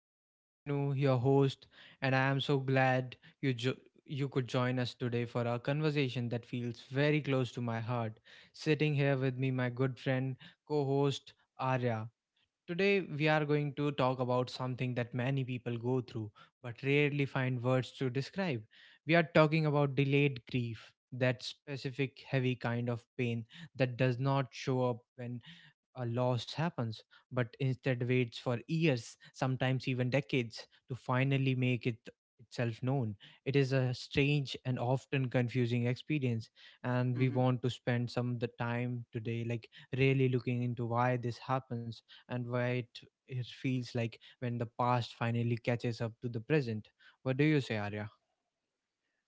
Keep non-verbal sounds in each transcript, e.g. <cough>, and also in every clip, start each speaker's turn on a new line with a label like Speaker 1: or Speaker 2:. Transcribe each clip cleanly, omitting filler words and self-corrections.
Speaker 1: I am Vishnu, your host, and I am so glad you jo- you could join us today for a conversation that feels very close to my heart. Sitting here with me, my good friend, co-host Arya. Today, we are going to talk about something that many people go through but rarely find words to describe. We are talking about delayed grief, that specific heavy kind of pain that does not show up when a loss happens, but instead waits for years, sometimes even decades, to finally make it itself known. It is a strange and often confusing experience, and we
Speaker 2: hmm
Speaker 1: want to spend some the time today, really looking into why this happens and why it feels like when the past finally catches up to the present. What do you say, Arya?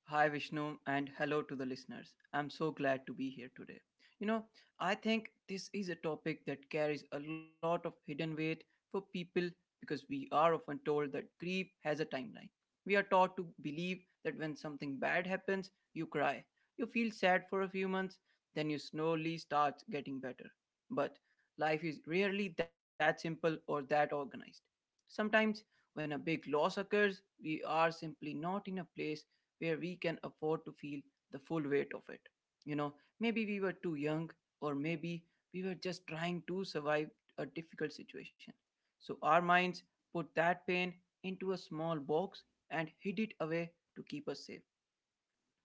Speaker 2: Hi, Vishnu, and hello to the listeners. I'm so glad to be here today. You know, I think this is a topic that carries a lot of hidden weight for people because we are often told that grief has a timeline. We are taught to believe that when something bad happens, you cry. You feel sad for a few months, then you slowly start getting better. But life is rarely that simple or that organized. Sometimes, when a big loss occurs, we are simply not in a place where we can afford to feel the full weight of it. You know, maybe we were too young, or maybe we were just trying to survive a difficult situation. So our minds put that pain into a small box and hid it away to keep us safe.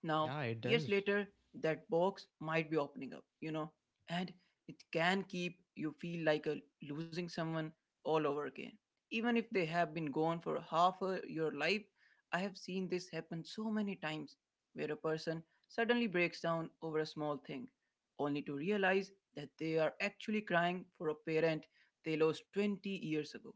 Speaker 2: Now,
Speaker 1: Yeah, it
Speaker 2: years
Speaker 1: does.
Speaker 2: later, that box might be opening up, you know, and it can keep you feel like losing someone all over again. Even if they have been gone for half your life, I have seen this happen so many times where a person suddenly breaks down over a small thing, only to realize that they are actually crying for a parent they lost 20 years ago.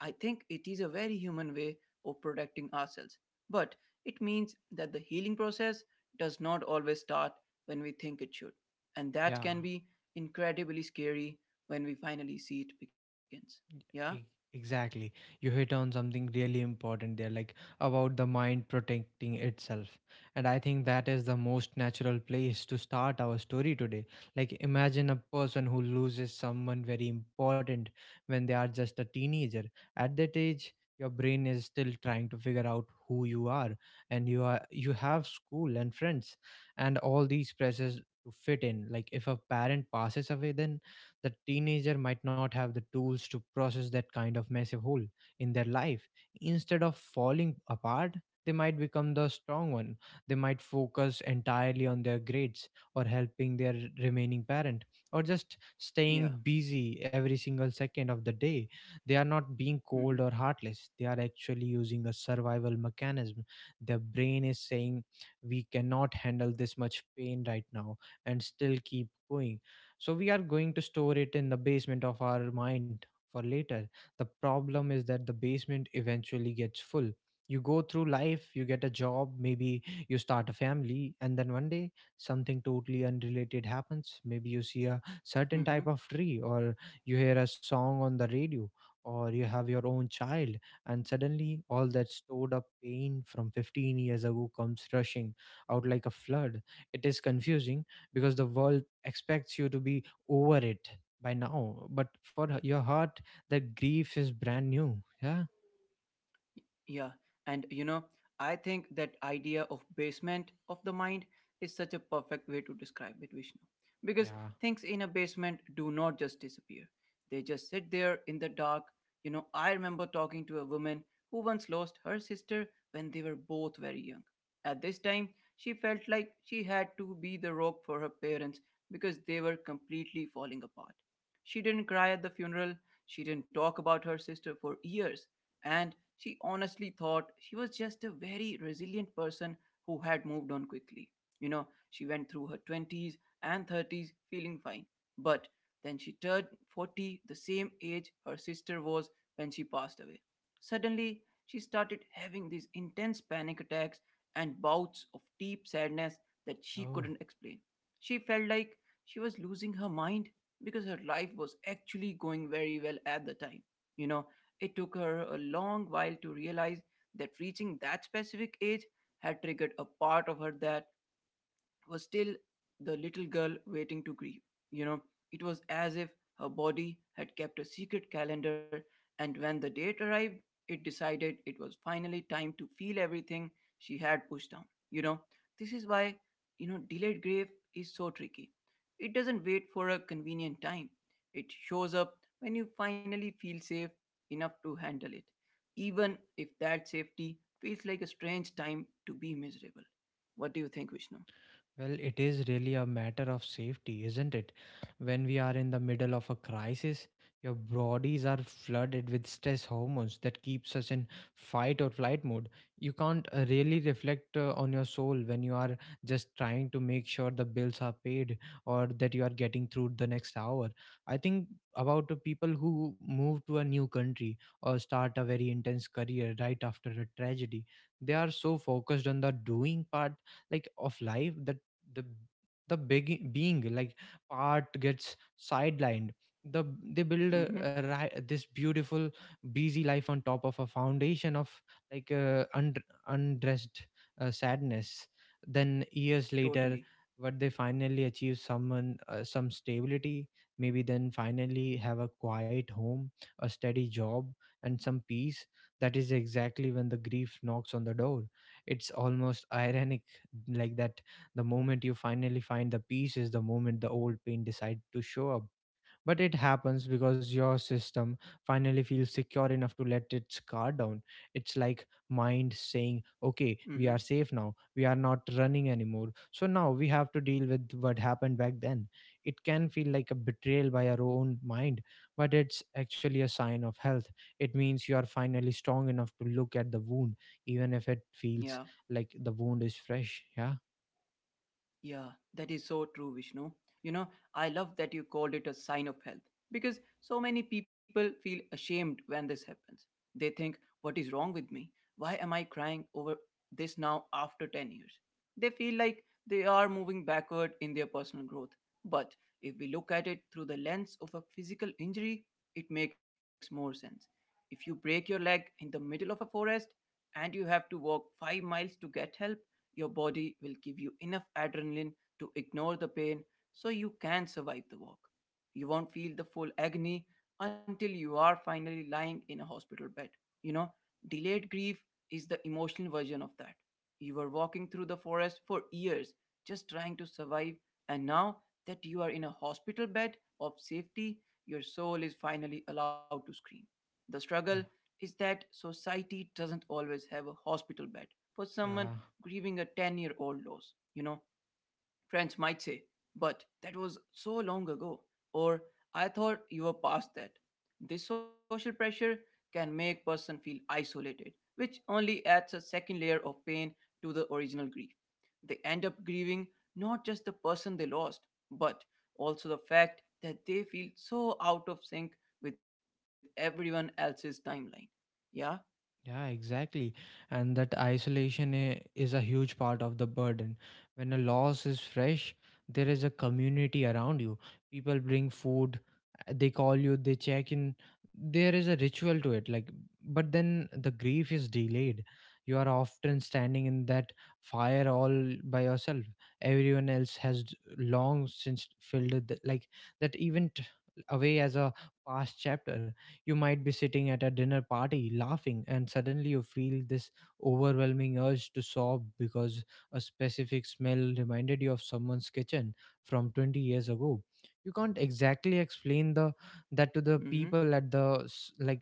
Speaker 2: I think it is a very human way of protecting ourselves. But it means that the healing process does not always start when we think it should. And that
Speaker 1: Yeah.
Speaker 2: can be incredibly scary when we finally see it begins. Yeah?
Speaker 1: E- Exactly. You hit on something really important there, about the mind protecting itself. And I think that is the most natural place to start our story today. Like, imagine a person who loses someone very important when they are just a teenager. At that age, your brain is still trying to figure out who you are, and you have school and friends, and all these pressures to fit in. Like, if a parent passes away, then the teenager might not have the tools to process that kind of massive hole in their life. Instead of falling apart, they might become the strong one. They might focus entirely on their grades, or helping their remaining parent, or just
Speaker 2: Yeah.
Speaker 1: staying busy every single second of the day. They are not being
Speaker 2: Mm-hmm.
Speaker 1: cold or heartless. They are actually using a survival mechanism. Their brain is saying, we cannot handle this much pain right now and still keep going, so we are going to store it in the basement of our mind for later. The problem is that the basement eventually gets full. You go through life, you get a job, maybe you start a family, and then one day, something totally unrelated happens. Maybe you see a certain
Speaker 2: Mm-hmm.
Speaker 1: type of tree, or you hear a song on the radio, or you have your own child, and suddenly all that stored up pain from 15 years ago comes rushing out like a flood. It is confusing because the world expects you to be over it by now, but for your heart, that grief is brand new. Yeah.
Speaker 2: Yeah, and you know, I think that idea of basement of the mind is such a perfect way to describe it, Vishnu. Because
Speaker 1: Yeah.
Speaker 2: things in a basement do not just disappear, they just sit there in the dark. You know, I remember talking to a woman who once lost her sister when they were both very young. At this time, she felt like she had to be the rock for her parents because they were completely falling apart. She didn't cry at the funeral. She didn't talk about her sister for years and she honestly thought she was just a very resilient person who had moved on quickly. You know, she went through her 20s and 30s feeling fine, but then she turned 40, the same age her sister was when she passed away. Suddenly, she started having these intense panic attacks and bouts of deep sadness that she
Speaker 1: Oh.
Speaker 2: couldn't explain. She felt like she was losing her mind because her life was actually going very well at the time. You know, it took her a long while to realize that reaching that specific age had triggered a part of her that was still the little girl waiting to grieve. You know, it was as if her body had kept a secret calendar, and when the date arrived, it decided it was finally time to feel everything she had pushed down. You know, this is why, you know, delayed grief is so tricky. It doesn't wait for a convenient time, it shows up when you finally feel safe enough to handle it, even if that safety feels like a strange time to be miserable. What do you think, Vishnu?
Speaker 1: Well, it is really a matter of safety, isn't it? When we are in the middle of a crisis, your bodies are flooded with stress hormones that keeps us in fight or flight mode. You can't really reflect on your soul when you are just trying to make sure the bills are paid or that you are getting through the next hour. I think about the people who move to a new country or start a very intense career right after a tragedy. They are so focused on the doing part, of life, that the the big being, art, gets sidelined. They build
Speaker 2: Mm-hmm.
Speaker 1: this beautiful busy life on top of a foundation of like uh, und- undressed sadness. Then years later,
Speaker 2: Totally.
Speaker 1: what they finally achieve some stability, maybe then finally have a quiet home, a steady job, and some peace, that is exactly when the grief knocks on the door. It's almost ironic, that the moment you finally find the peace is the moment the old pain decide to show up. But it happens because your system finally feels secure enough to let its guard down. It's like mind saying, okay, we are
Speaker 2: Mm-hmm.
Speaker 1: safe now. We are not running anymore. So now we have to deal with what happened back then. It can feel like a betrayal by our own mind, but it's actually a sign of health. It means you are finally strong enough to look at the wound, even if it feels
Speaker 2: Yeah.
Speaker 1: like the wound is fresh. Yeah.
Speaker 2: Yeah, that is so true, Vishnu. You know, I love that you called it a sign of health because so many people feel ashamed when this happens. They think, what is wrong with me? Why am I crying over this now after 10 years? They feel like they are moving backward in their personal growth. But if we look at it through the lens of a physical injury, it makes more sense. If you break your leg in the middle of a forest and you have to walk 5 miles to get help, your body will give you enough adrenaline to ignore the pain so you can survive the walk. You won't feel the full agony until you are finally lying in a hospital bed. You know, delayed grief is the emotional version of that. You were walking through the forest for years just trying to survive, and now that you are in a hospital bed of safety, your soul is finally allowed to scream. The struggle
Speaker 1: Yeah.
Speaker 2: is that society doesn't always have a hospital bed for someone
Speaker 1: Yeah,
Speaker 2: grieving a 10-year-old loss, you know, friends might say, but that was so long ago, or I thought you were past that. This social pressure can make person feel isolated, which only adds a second layer of pain to the original grief. They end up grieving not just the person they lost, but also the fact that they feel so out of sync with everyone else's timeline. Yeah?
Speaker 1: yeah, exactly. And that isolation is a huge part of the burden. When a loss is fresh, there is a community around you. People bring food, they call you, they check in. There is a ritual to it. Like, but then the grief is delayed. You are often standing in that fire all by yourself. Everyone else has long since filled it, that event away as a past chapter. You might be sitting at a dinner party laughing, and suddenly you feel this overwhelming urge to sob because a specific smell reminded you of someone's kitchen from 20 years ago. You can't exactly explain the that to the
Speaker 2: Mm-hmm.
Speaker 1: people at the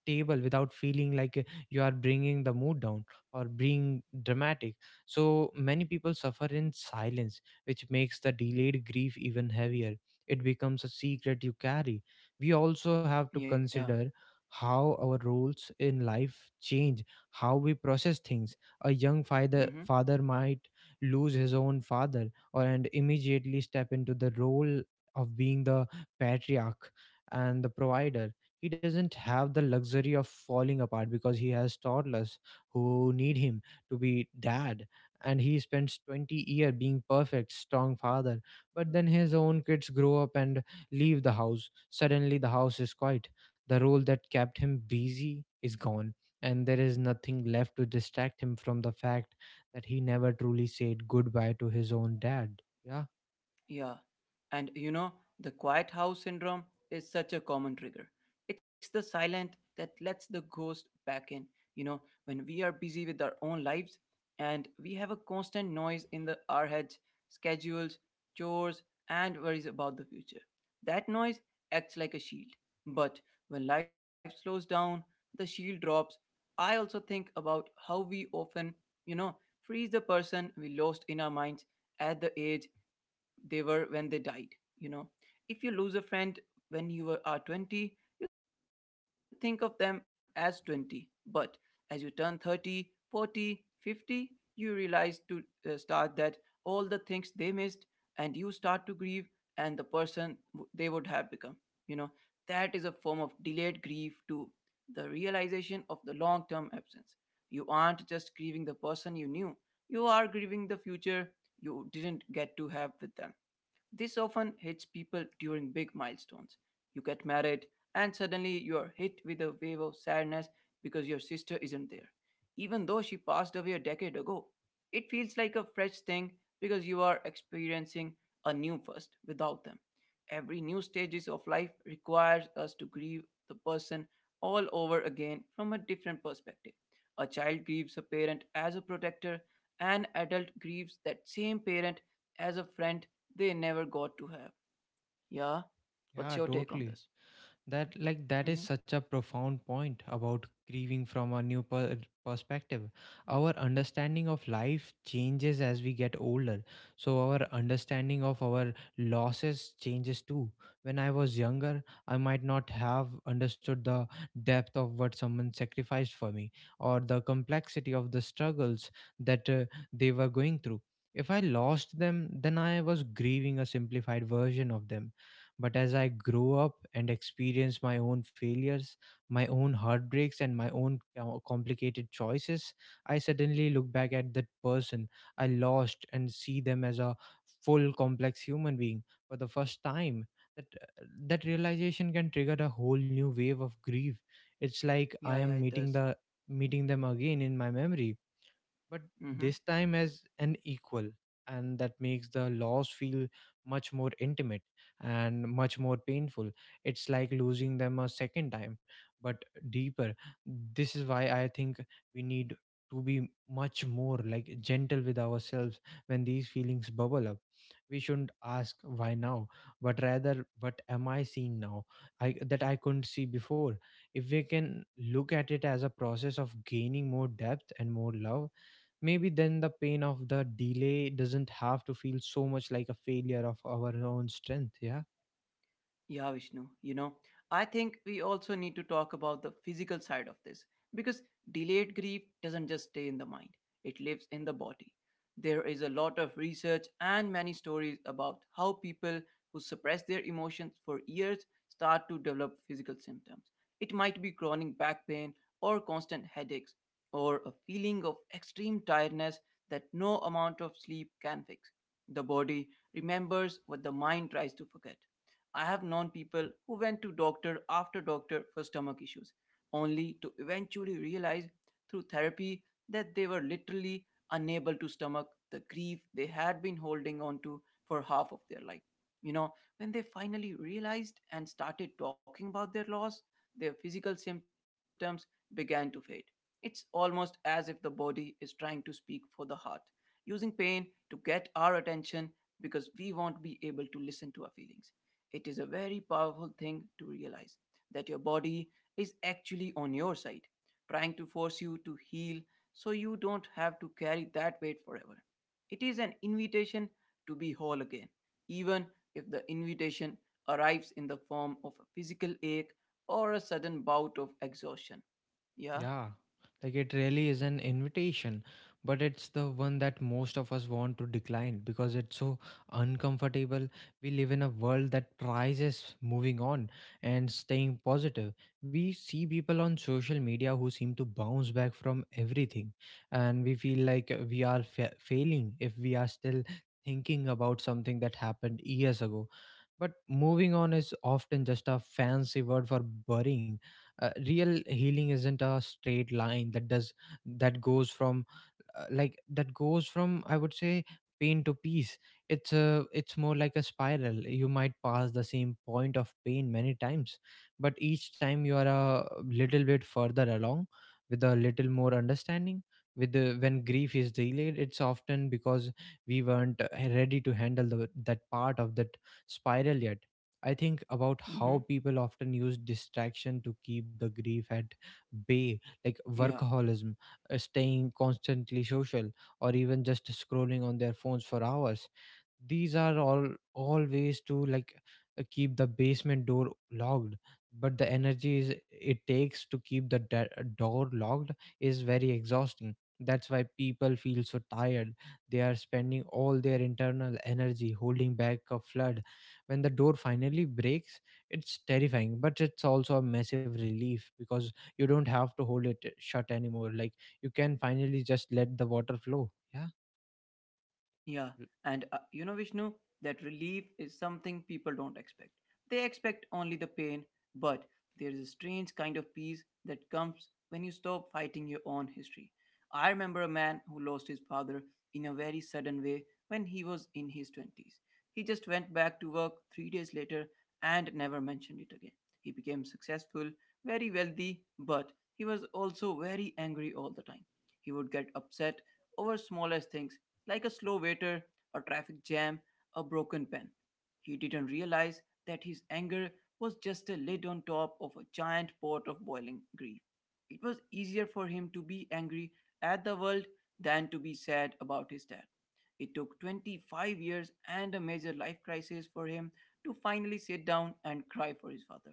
Speaker 1: table without feeling you are bringing the mood down or being dramatic. So many people suffer in silence, which makes the delayed grief even heavier. It becomes a secret you carry. We also have to
Speaker 2: Yeah.
Speaker 1: consider how our roles in life change, how we process things. A young
Speaker 2: Mm-hmm.
Speaker 1: father might lose his own father or and immediately step into the role of being the patriarch and the provider. He doesn't have the luxury of falling apart because he has toddlers who need him to be dad, and he spends 20 years being perfect strong father. But then his own kids grow up and leave the house. Suddenly, the house is quiet. The role that kept him busy is gone, and there is nothing left to distract him from the fact that he never truly said goodbye to his own dad. Yeah.
Speaker 2: Yeah, and you know, the quiet house syndrome is such a common trigger. It's the silent that lets the ghost back in. You know, when we are busy with our own lives and we have a constant noise in the our heads, schedules, chores, and worries about the future. That noise acts like a shield. But when life slows down, the shield drops. I also think about how we often, you know, freeze the person we lost in our minds at the age they were when they died. You know, if you lose a friend when you are 20, you think of them as 20. But as you turn 30, 40, 50, you realize to start that all the things they missed and you start to grieve and the person they would have become. You know, that is a form of delayed grief too. The realization of the long term absence. You aren't just grieving the person you knew, you are grieving the future you didn't get to have with them. This often hits people during big milestones. You get married, and suddenly you're hit with a wave of sadness because your sister isn't there. Even though she passed away a decade ago, it feels like a fresh thing because you are experiencing a new first without them. Every new stages of life requires us to grieve the person all over again from a different perspective. A child grieves a parent as a protector, an adult grieves that same parent as a friend they never got to have. Yeah. What's
Speaker 1: Yeah,
Speaker 2: your take on
Speaker 1: totally.
Speaker 2: this?
Speaker 1: That is
Speaker 2: Hmm.
Speaker 1: such a profound point about grieving from a new perspective. Our understanding of life changes as we get older, so our understanding of our losses changes too. When I was younger, I might not have understood the depth of what someone sacrificed for me, or the complexity of the struggles that they were going through. If I lost them, then I was grieving a simplified version of them. But as I grow up and experience my own failures, my own heartbreaks, and my own complicated choices, I suddenly look back at that person I lost and see them as a full, complex human being for the first time. That, that realization can trigger a whole new wave of grief. It's like I
Speaker 2: Yeah, yeah,
Speaker 1: am
Speaker 2: it does.
Speaker 1: meeting them again in my memory, but
Speaker 2: Hmm.
Speaker 1: this time as an equal, and that makes the loss feel much more intimate and much more painful. It's like losing them a second time, but deeper. This is why I think we need to be much more gentle with ourselves when these feelings bubble up. We shouldn't ask why now, but rather what am I seeing now I that I couldn't see before. If we can look at it as a process of gaining more depth and more love, maybe then the pain of the delay doesn't have to feel so much like a failure of our own strength. Yeah.
Speaker 2: Yeah, Vishnu. You know, I think we also need to talk about the physical side of this because delayed grief doesn't just stay in the mind, it lives in the body. There is a lot of research and many stories about how people who suppress their emotions for years start to develop physical symptoms. It might be chronic back pain or constant headaches or a feeling of extreme tiredness that no amount of sleep can fix. The body remembers what the mind tries to forget. I have known people who went to doctor after doctor for stomach issues, only to eventually realize through therapy that they were literally unable to stomach the grief they had been holding on to for half of their life. You know, when they finally realized and started talking about their loss, their physical symptoms began to fade. It's almost as if the body is trying to speak for the heart, using pain to get our attention because we won't be able to listen to our feelings. It is a very powerful thing to realize that your body is actually on your side, trying to force you to heal so you don't have to carry that weight forever. It is an invitation to be whole again, even if the invitation arrives in the form of a physical ache or a sudden bout of exhaustion. Yeah.
Speaker 1: Yeah, like it really is an invitation, but it's the one that most of us want to decline because it's so uncomfortable. We live in a world that prizes moving on and staying positive. We see people on social media who seem to bounce back from everything, and we feel like we are failing if we are still thinking about something that happened years ago. But moving on is often just a fancy word for burying. Real healing isn't a straight line that goes from like that goes from I would say pain to peace. It's a it's more like a spiral. You might pass the same point of pain many times, but each time you are a little bit further along, with a little more understanding. When grief is delayed, it's often because we weren't ready to handle that part of that spiral yet. I think about how
Speaker 2: Mm-hmm.
Speaker 1: people often use distraction to keep the grief at bay, like
Speaker 2: Yeah.
Speaker 1: workaholism, staying constantly social, or even just scrolling on their phones for hours. These are all ways to keep the basement door locked, but the energy it takes to keep the door locked is very exhausting. That's why people feel so tired. They are spending all their internal energy holding back a flood. When the door finally breaks, it's terrifying, but it's also a massive relief because you don't have to hold it shut anymore. Like, you can finally just let the water flow. Yeah.
Speaker 2: Yeah, and you know, Vishnu, that relief is something people don't expect. They expect only the pain, but there is a strange kind of peace that comes when you stop fighting your own history. I remember a man who lost his father in a very sudden way when he was in his 20s. He just went back to work 3 days later and never mentioned it again. He became successful, very wealthy, but he was also very angry all the time. He would get upset over smallest things like a slow waiter, a traffic jam, a broken pen. He didn't realize that his anger was just a lid on top of a giant pot of boiling grief. It was easier for him to be angry at the world than to be sad about his dad. It took 25 years and a major life crisis for him to finally sit down and cry for his father.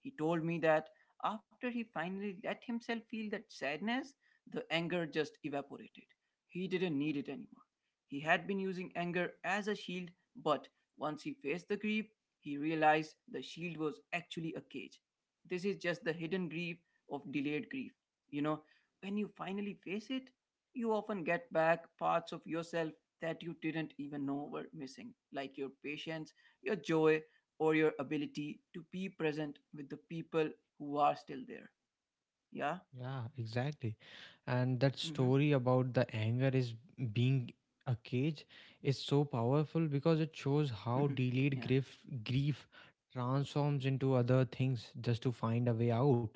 Speaker 2: He told me that after he finally let himself feel that sadness, the anger just evaporated. He didn't need it anymore. He had been using anger as a shield, but once he faced the grief, he realized the shield was actually a cage. This is just the hidden grief of delayed grief. You know, when you finally face it, you often get back parts of yourself that you didn't even know were missing, like your patience, your joy, or your ability to be present with the people who are still there. Yeah?
Speaker 1: Yeah, exactly. And that
Speaker 2: Mm-hmm.
Speaker 1: story about the anger is being a cage is so powerful because it shows how
Speaker 2: <laughs>
Speaker 1: delayed
Speaker 2: yeah.
Speaker 1: grief transforms into other things just to find a way out.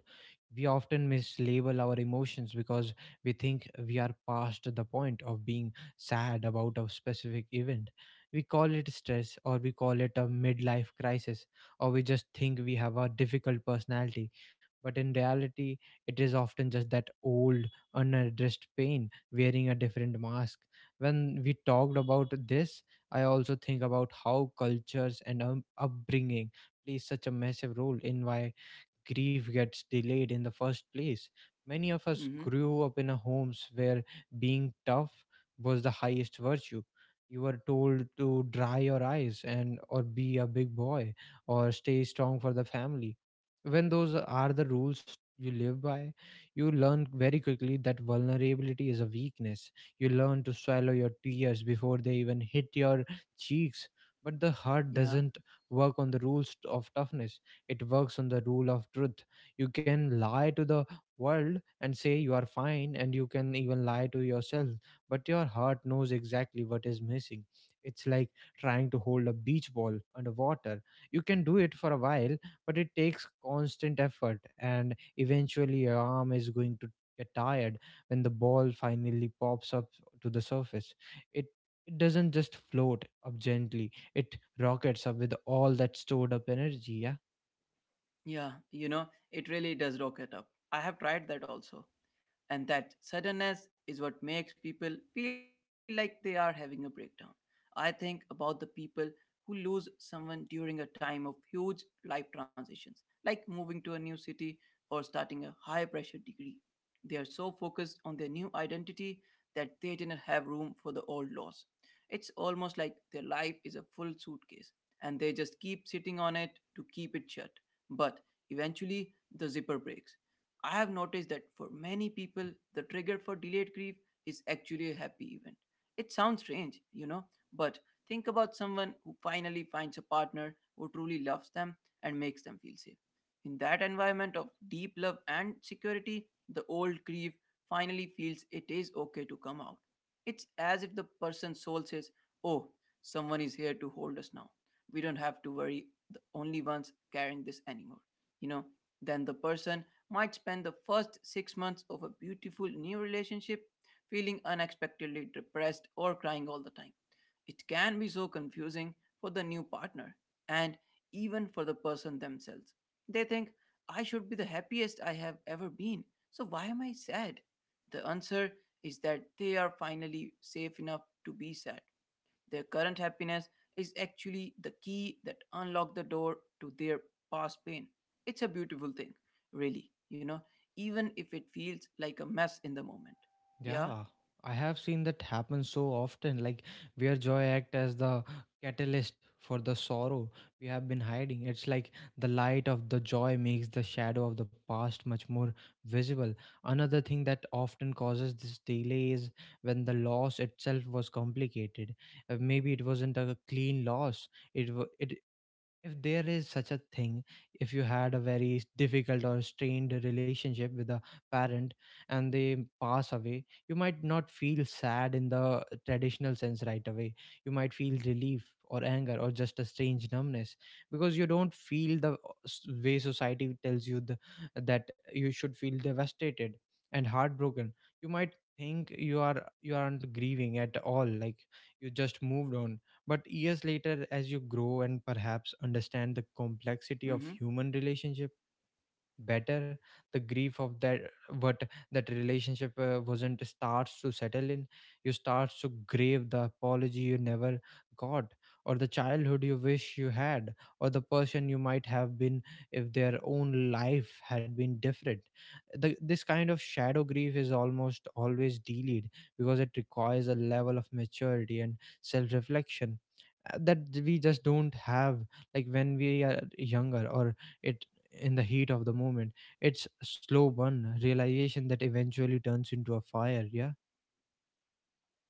Speaker 1: We often mislabel our emotions because we think we are past the point of being sad about a specific event. We call it stress, or we call it a midlife crisis, or we just think we have a difficult personality, but in reality it is often just that old, unaddressed pain wearing a different mask. When we talked about this, I also think about how cultures and upbringing plays such a massive role in why grief gets delayed in the first place. Many of us grew
Speaker 2: Mm-hmm.
Speaker 1: up in a homes where being tough was the highest virtue. You were told to dry your eyes and or be a big boy or stay strong for the family. When those are the rules you live by, you learn very quickly that vulnerability is a weakness. You learn to swallow your tears before they even hit your cheeks. But the heart doesn't
Speaker 2: Yeah.
Speaker 1: work on the rules of toughness, it works on the rule of truth. You can lie to the world and say you are fine, and you can even lie to yourself, but your heart knows exactly what is missing. It's like trying to hold a beach ball underwater. You can do it for a while, but it takes constant effort, and eventually your arm is going to get tired when the ball finally pops up to the surface. It it doesn't just float up gently, it rockets up with all that stored up energy, yeah.
Speaker 2: Yeah, it really does rocket up. I have tried that also. And that suddenness is what makes people feel like they are having a breakdown. I think about the people who lose someone during a time of huge life transitions, like moving to a new city or starting a high pressure degree. They are so focused on their new identity that they didn't have room for the old loss. It's almost like their life is a full suitcase and they just keep sitting on it to keep it shut. But eventually, the zipper breaks. I have noticed that for many people, the trigger for delayed grief is actually a happy event. It sounds strange, but think about someone who finally finds a partner who truly loves them and makes them feel safe. In that environment of deep love and security, the old grief finally feels it is okay to come out. It's as if the person's soul says, Oh, someone is here to hold us now. We don't have to worry, the only ones carrying this anymore. You know, then the person might spend the first 6 months of a beautiful new relationship feeling unexpectedly depressed or crying all the time. It can be so confusing for the new partner and even for the person themselves. They think, I should be the happiest I have ever been, so why am I sad? The answer is that they are finally safe enough to be sad. Their current happiness is actually the key that unlocks the door to their past pain. It's a beautiful thing, really, even if it feels like a mess in the moment. Yeah?
Speaker 1: Yeah, I have seen that happen so often, like where joy act as the catalyst for the sorrow we have been hiding. It's like the light of the joy makes the shadow of the past much more visible. Another thing that often causes this delay is when the loss itself was complicated. Maybe it wasn't a clean loss. It if there is such a thing, if you had a very difficult or strained relationship with a parent and they pass away, you might not feel sad in the traditional sense right away. You might feel relief or anger or just a strange numbness because you don't feel the way society tells you that you should feel devastated and heartbroken. You might think you are, you aren't grieving at all, like you just moved on. But years later, as you grow and perhaps understand the complexity of human
Speaker 2: Mm-hmm.
Speaker 1: relationship better, the grief of that, what that relationship wasn't, starts to settle in. You start to grieve the apology you never got, or the childhood you wish you had, or the person you might have been if their own life had been different. This kind of shadow grief is almost always delayed because it requires a level of maturity and self-reflection that we just don't have, like when we are younger or it in the heat of the moment. It's slow burn realization that eventually turns into a fire. Yeah,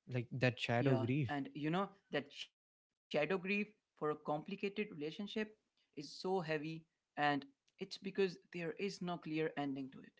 Speaker 1: like that shadow
Speaker 2: Yeah,
Speaker 1: grief.
Speaker 2: and that shadow grief for a complicated relationship is so heavy, and it's because there is no clear ending to it.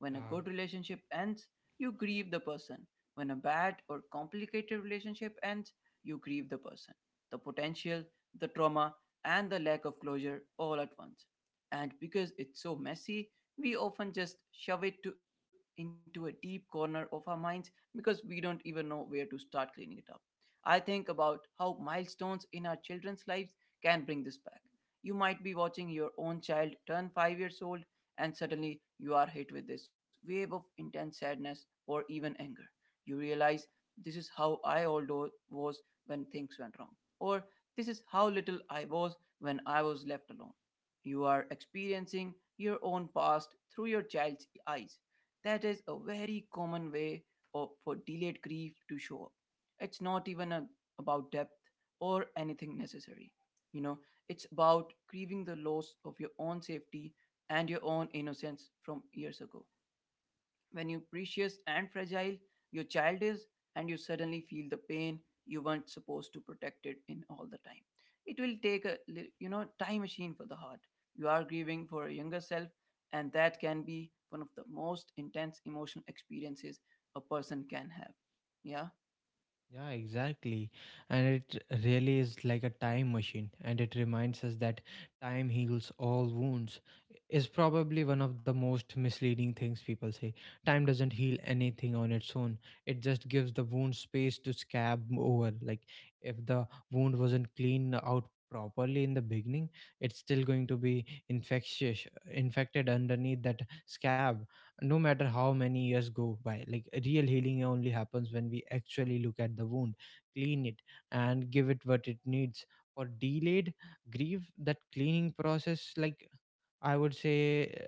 Speaker 2: When a good relationship ends, you grieve the person. When a bad or complicated relationship ends, you grieve the person, the potential, the trauma, and the lack of closure all at once. And because it's so messy, we often just shove it into a deep corner of our minds because we don't even know where to start cleaning it up. I think about how milestones in our children's lives can bring this back. You might be watching your own child turn 5 years old, and suddenly you are hit with this wave of intense sadness or even anger. You realize this is how I old was when things went wrong, or this is how little I was when I was left alone. You are experiencing your own past through your child's eyes. That is a very common way for delayed grief to show up. It's not even about depth or anything necessary. You know, it's about grieving the loss of your own safety and your own innocence from years ago. When you precious and fragile your child is, and you suddenly feel the pain you weren't supposed to protect it in all the time. It will take a time machine for the heart. You are grieving for a younger self, and that can be one of the most intense emotional experiences a person can have. Yeah.
Speaker 1: Yeah, exactly. And it really is like a time machine, and it reminds us that time heals all wounds, is probably one of the most misleading things people say. Time doesn't heal anything on its own, it just gives the wound space to scab over. Like, if the wound wasn't cleaned out properly in the beginning, it's still going to be infectious, infected underneath that scab, no matter how many years go by. Like, real healing only happens when we actually look at the wound, clean it, and give it what it needs. For delayed grief, that cleaning process, like, I would say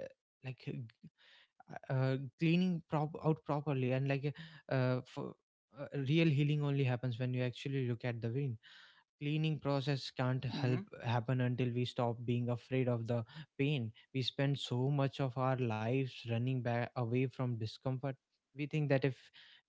Speaker 1: uh, like uh, g- cleaning prop- out properly, and like uh, for, real healing only happens when you actually look at the wound. Cleaning process can't help happen until we stop being afraid of the pain. We spend so much of our lives running back away from discomfort. We think that if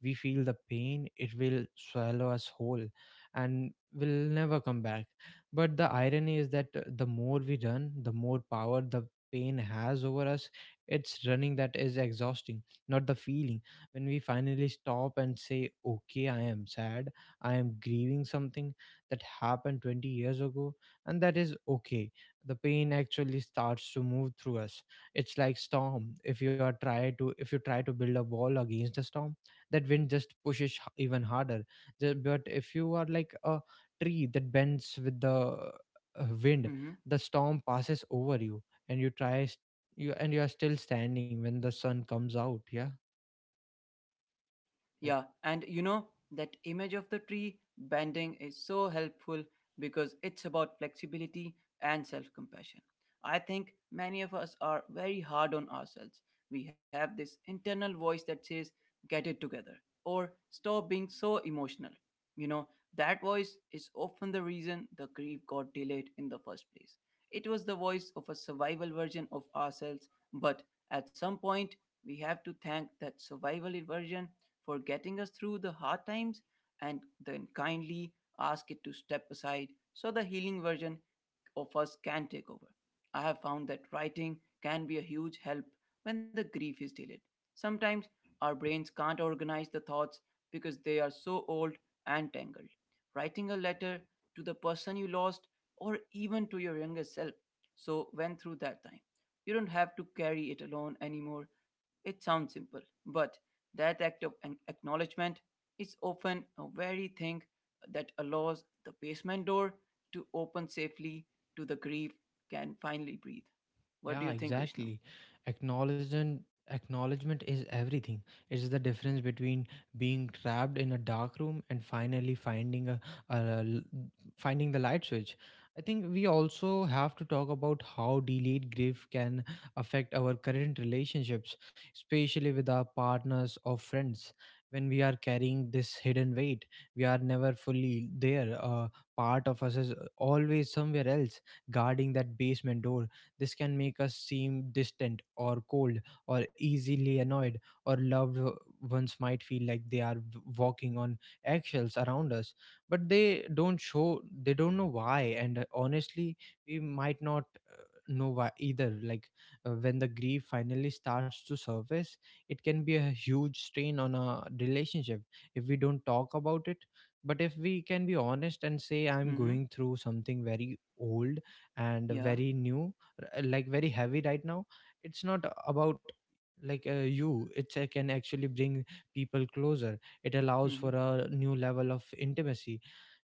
Speaker 1: we feel the pain it will swallow us whole and will never come back, but the irony is that the more we run, the more power the pain has over us. It's running that is exhausting, not the feeling. When we finally stop and say, okay, I am sad, I am grieving something that happened 20 years ago, and that is okay. The pain actually starts to move through us. It's like storm. If you are try to If you try to build a wall against the storm, that wind just pushes h- even harder. But if you are like a tree that bends with the wind,
Speaker 2: Mm-hmm.
Speaker 1: the storm passes over you, and you try s- you and you are still standing when the sun comes out. Yeah, like.
Speaker 2: Yeah, and that image of the tree bending is so helpful because it's about flexibility and self compassion. I think many of us are very hard on ourselves. We have this internal voice that says, get it together or stop being so emotional. You know, that voice is often the reason the grief got delayed in the first place. It was the voice of a survival version of ourselves, but at some point, we have to thank that survival version for getting us through the hard times and then kindly ask it to step aside so the healing version of us can take over. I have found that writing can be a huge help when the grief is delayed. Sometimes our brains can't organize the thoughts because they are so old and tangled. Writing a letter to the person you lost or even to your younger self so went through that time. You don't have to carry it alone anymore. It sounds simple, but that act of acknowledgement is often a very thing that allows the basement door to open safely to the grief can finally breathe. What do you
Speaker 1: Yeah,
Speaker 2: think, Vishnu?
Speaker 1: exactly. Acknowledgement Acknowledgement is everything. It's the difference between being trapped in a dark room and finally finding a l- finding the light switch. I think we also have to talk about how delayed grief can affect our current relationships, especially with our partners or friends. When we are carrying this hidden weight, we are never fully there. Part of us is always somewhere else, guarding that basement door. This can make us seem distant or cold or easily annoyed, or loved o- ones might feel like they are w- walking on eggshells around us, but they don't show, they don't know why, and honestly, we might not know why either. Like, when the grief finally starts to surface, it can be a huge strain on a relationship if we don't talk about it. But if we can be honest and say, I'm
Speaker 2: Mm-hmm.
Speaker 1: going through something very old and
Speaker 2: Yeah.
Speaker 1: very new, r- like very heavy right now, it's not about like, you, it can actually bring people closer. It allows
Speaker 2: Mm-hmm.
Speaker 1: for a new level of intimacy.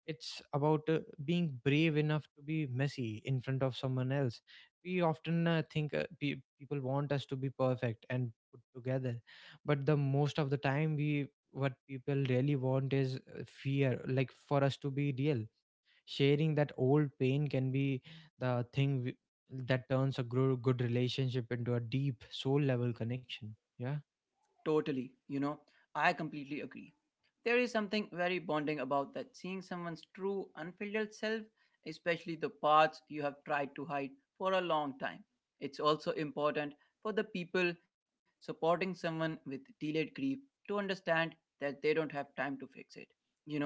Speaker 1: It's about being brave enough to be messy in front of someone else. We often think, people want us to be perfect and put together, but the most of the time we, what people really want is fear, like for us to be real. Sharing that old pain can be the thing w- that turns a gro- good relationship into a deep soul level connection, yeah.
Speaker 2: Totally. I completely agree. There is something very bonding about that seeing someone's true, unfiltered self, especially the parts you have tried to hide for a long time. It's also important for the people supporting someone with delayed grief to understand that they don't have time to fix it. You know,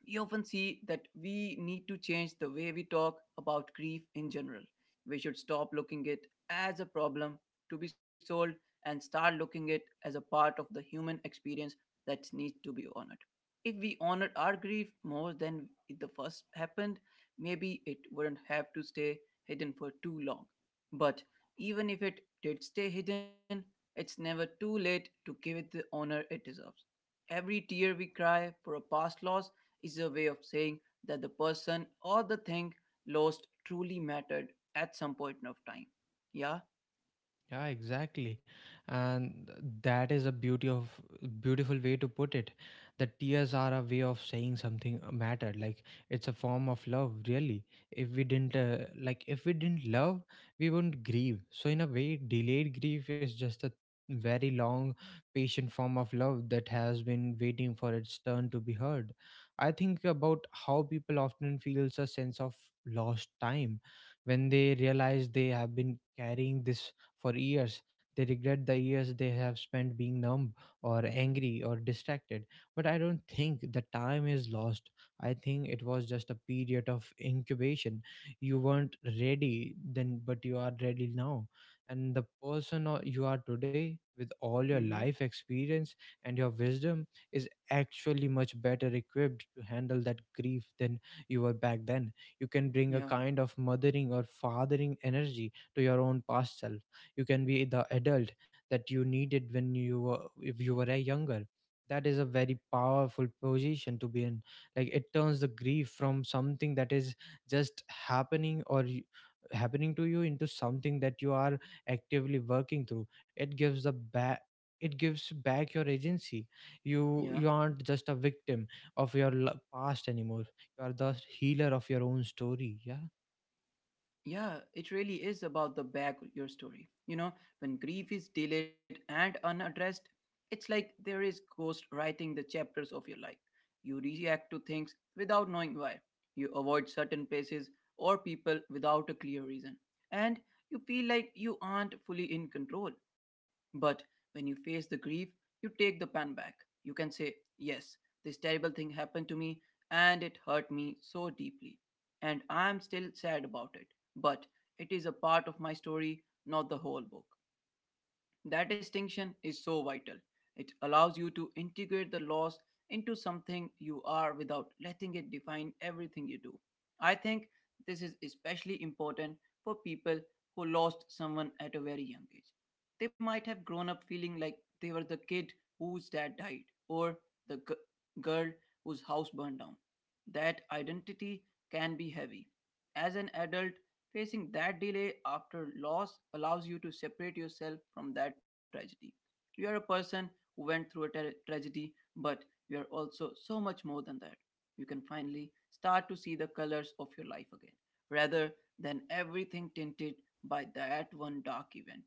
Speaker 2: we often see that we need to change the way we talk about grief in general. We should stop looking it as a problem to be solved and start looking it as a part of the human experience that needs to be honored. If we honored our grief more than it the first happened, maybe it wouldn't have to stay hidden for too long. But even if it did stay hidden, it's never too late to give it the honor it deserves. Every tear we cry for a past loss is a way of saying that the person or the thing lost truly mattered at some point of time. Yeah.
Speaker 1: Yeah, exactly. And that is a beauty of beautiful way to put it. The tears are a way of saying something mattered. Like, it's a form of love, really. If we didn't if we didn't love, we wouldn't grieve. So in a way, delayed grief is just a very long, patient form of love that has been waiting for its turn to be heard. I think about how people often feels a sense of lost time when they realize they have been carrying this for years. They regret the years they have spent being numb or angry or distracted. But I don't think the time is lost. I think it was just a period of incubation. You weren't ready then, but you are ready now. And the person you are today, with all your
Speaker 2: Mm-hmm.
Speaker 1: life experience and your wisdom, is actually much better equipped to handle that grief than you were back then. You can bring a
Speaker 2: Yeah.
Speaker 1: kind of mothering or fathering energy to your own past self. You can be the adult that you needed when you were, if you were a younger. That is a very powerful position to be in. Like, it turns the grief from something that is just happening or y- happening to you into something that you are actively working through. It gives back your agency. you
Speaker 2: Yeah.
Speaker 1: you aren't just a victim of your l- past anymore, you are the healer of your own story, yeah.
Speaker 2: Yeah, it really is about the back of your story. When grief is delayed and unaddressed, it's like there is ghost writing the chapters of your life. You react to things without knowing why. You avoid certain places or people without a clear reason. And you feel like you aren't fully in control. But when you face the grief, you take the pan back. You can say, Yes, this terrible thing happened to me and it hurt me so deeply. And I'm still sad about it, but it is a part of my story, not the whole book. That distinction is so vital. It allows you to integrate the loss into something you are without letting it define everything you do. I think this is especially important for people who lost someone at a very young age. They might have grown up feeling like they were the kid whose dad died or the girl whose house burned down. That identity can be heavy. As an adult, facing that delay after loss allows you to separate yourself from that tragedy. You are a person who went through a tragedy, but you are also so much more than that. You can finally start to see the colors of your life again, rather than everything tinted by that one dark event.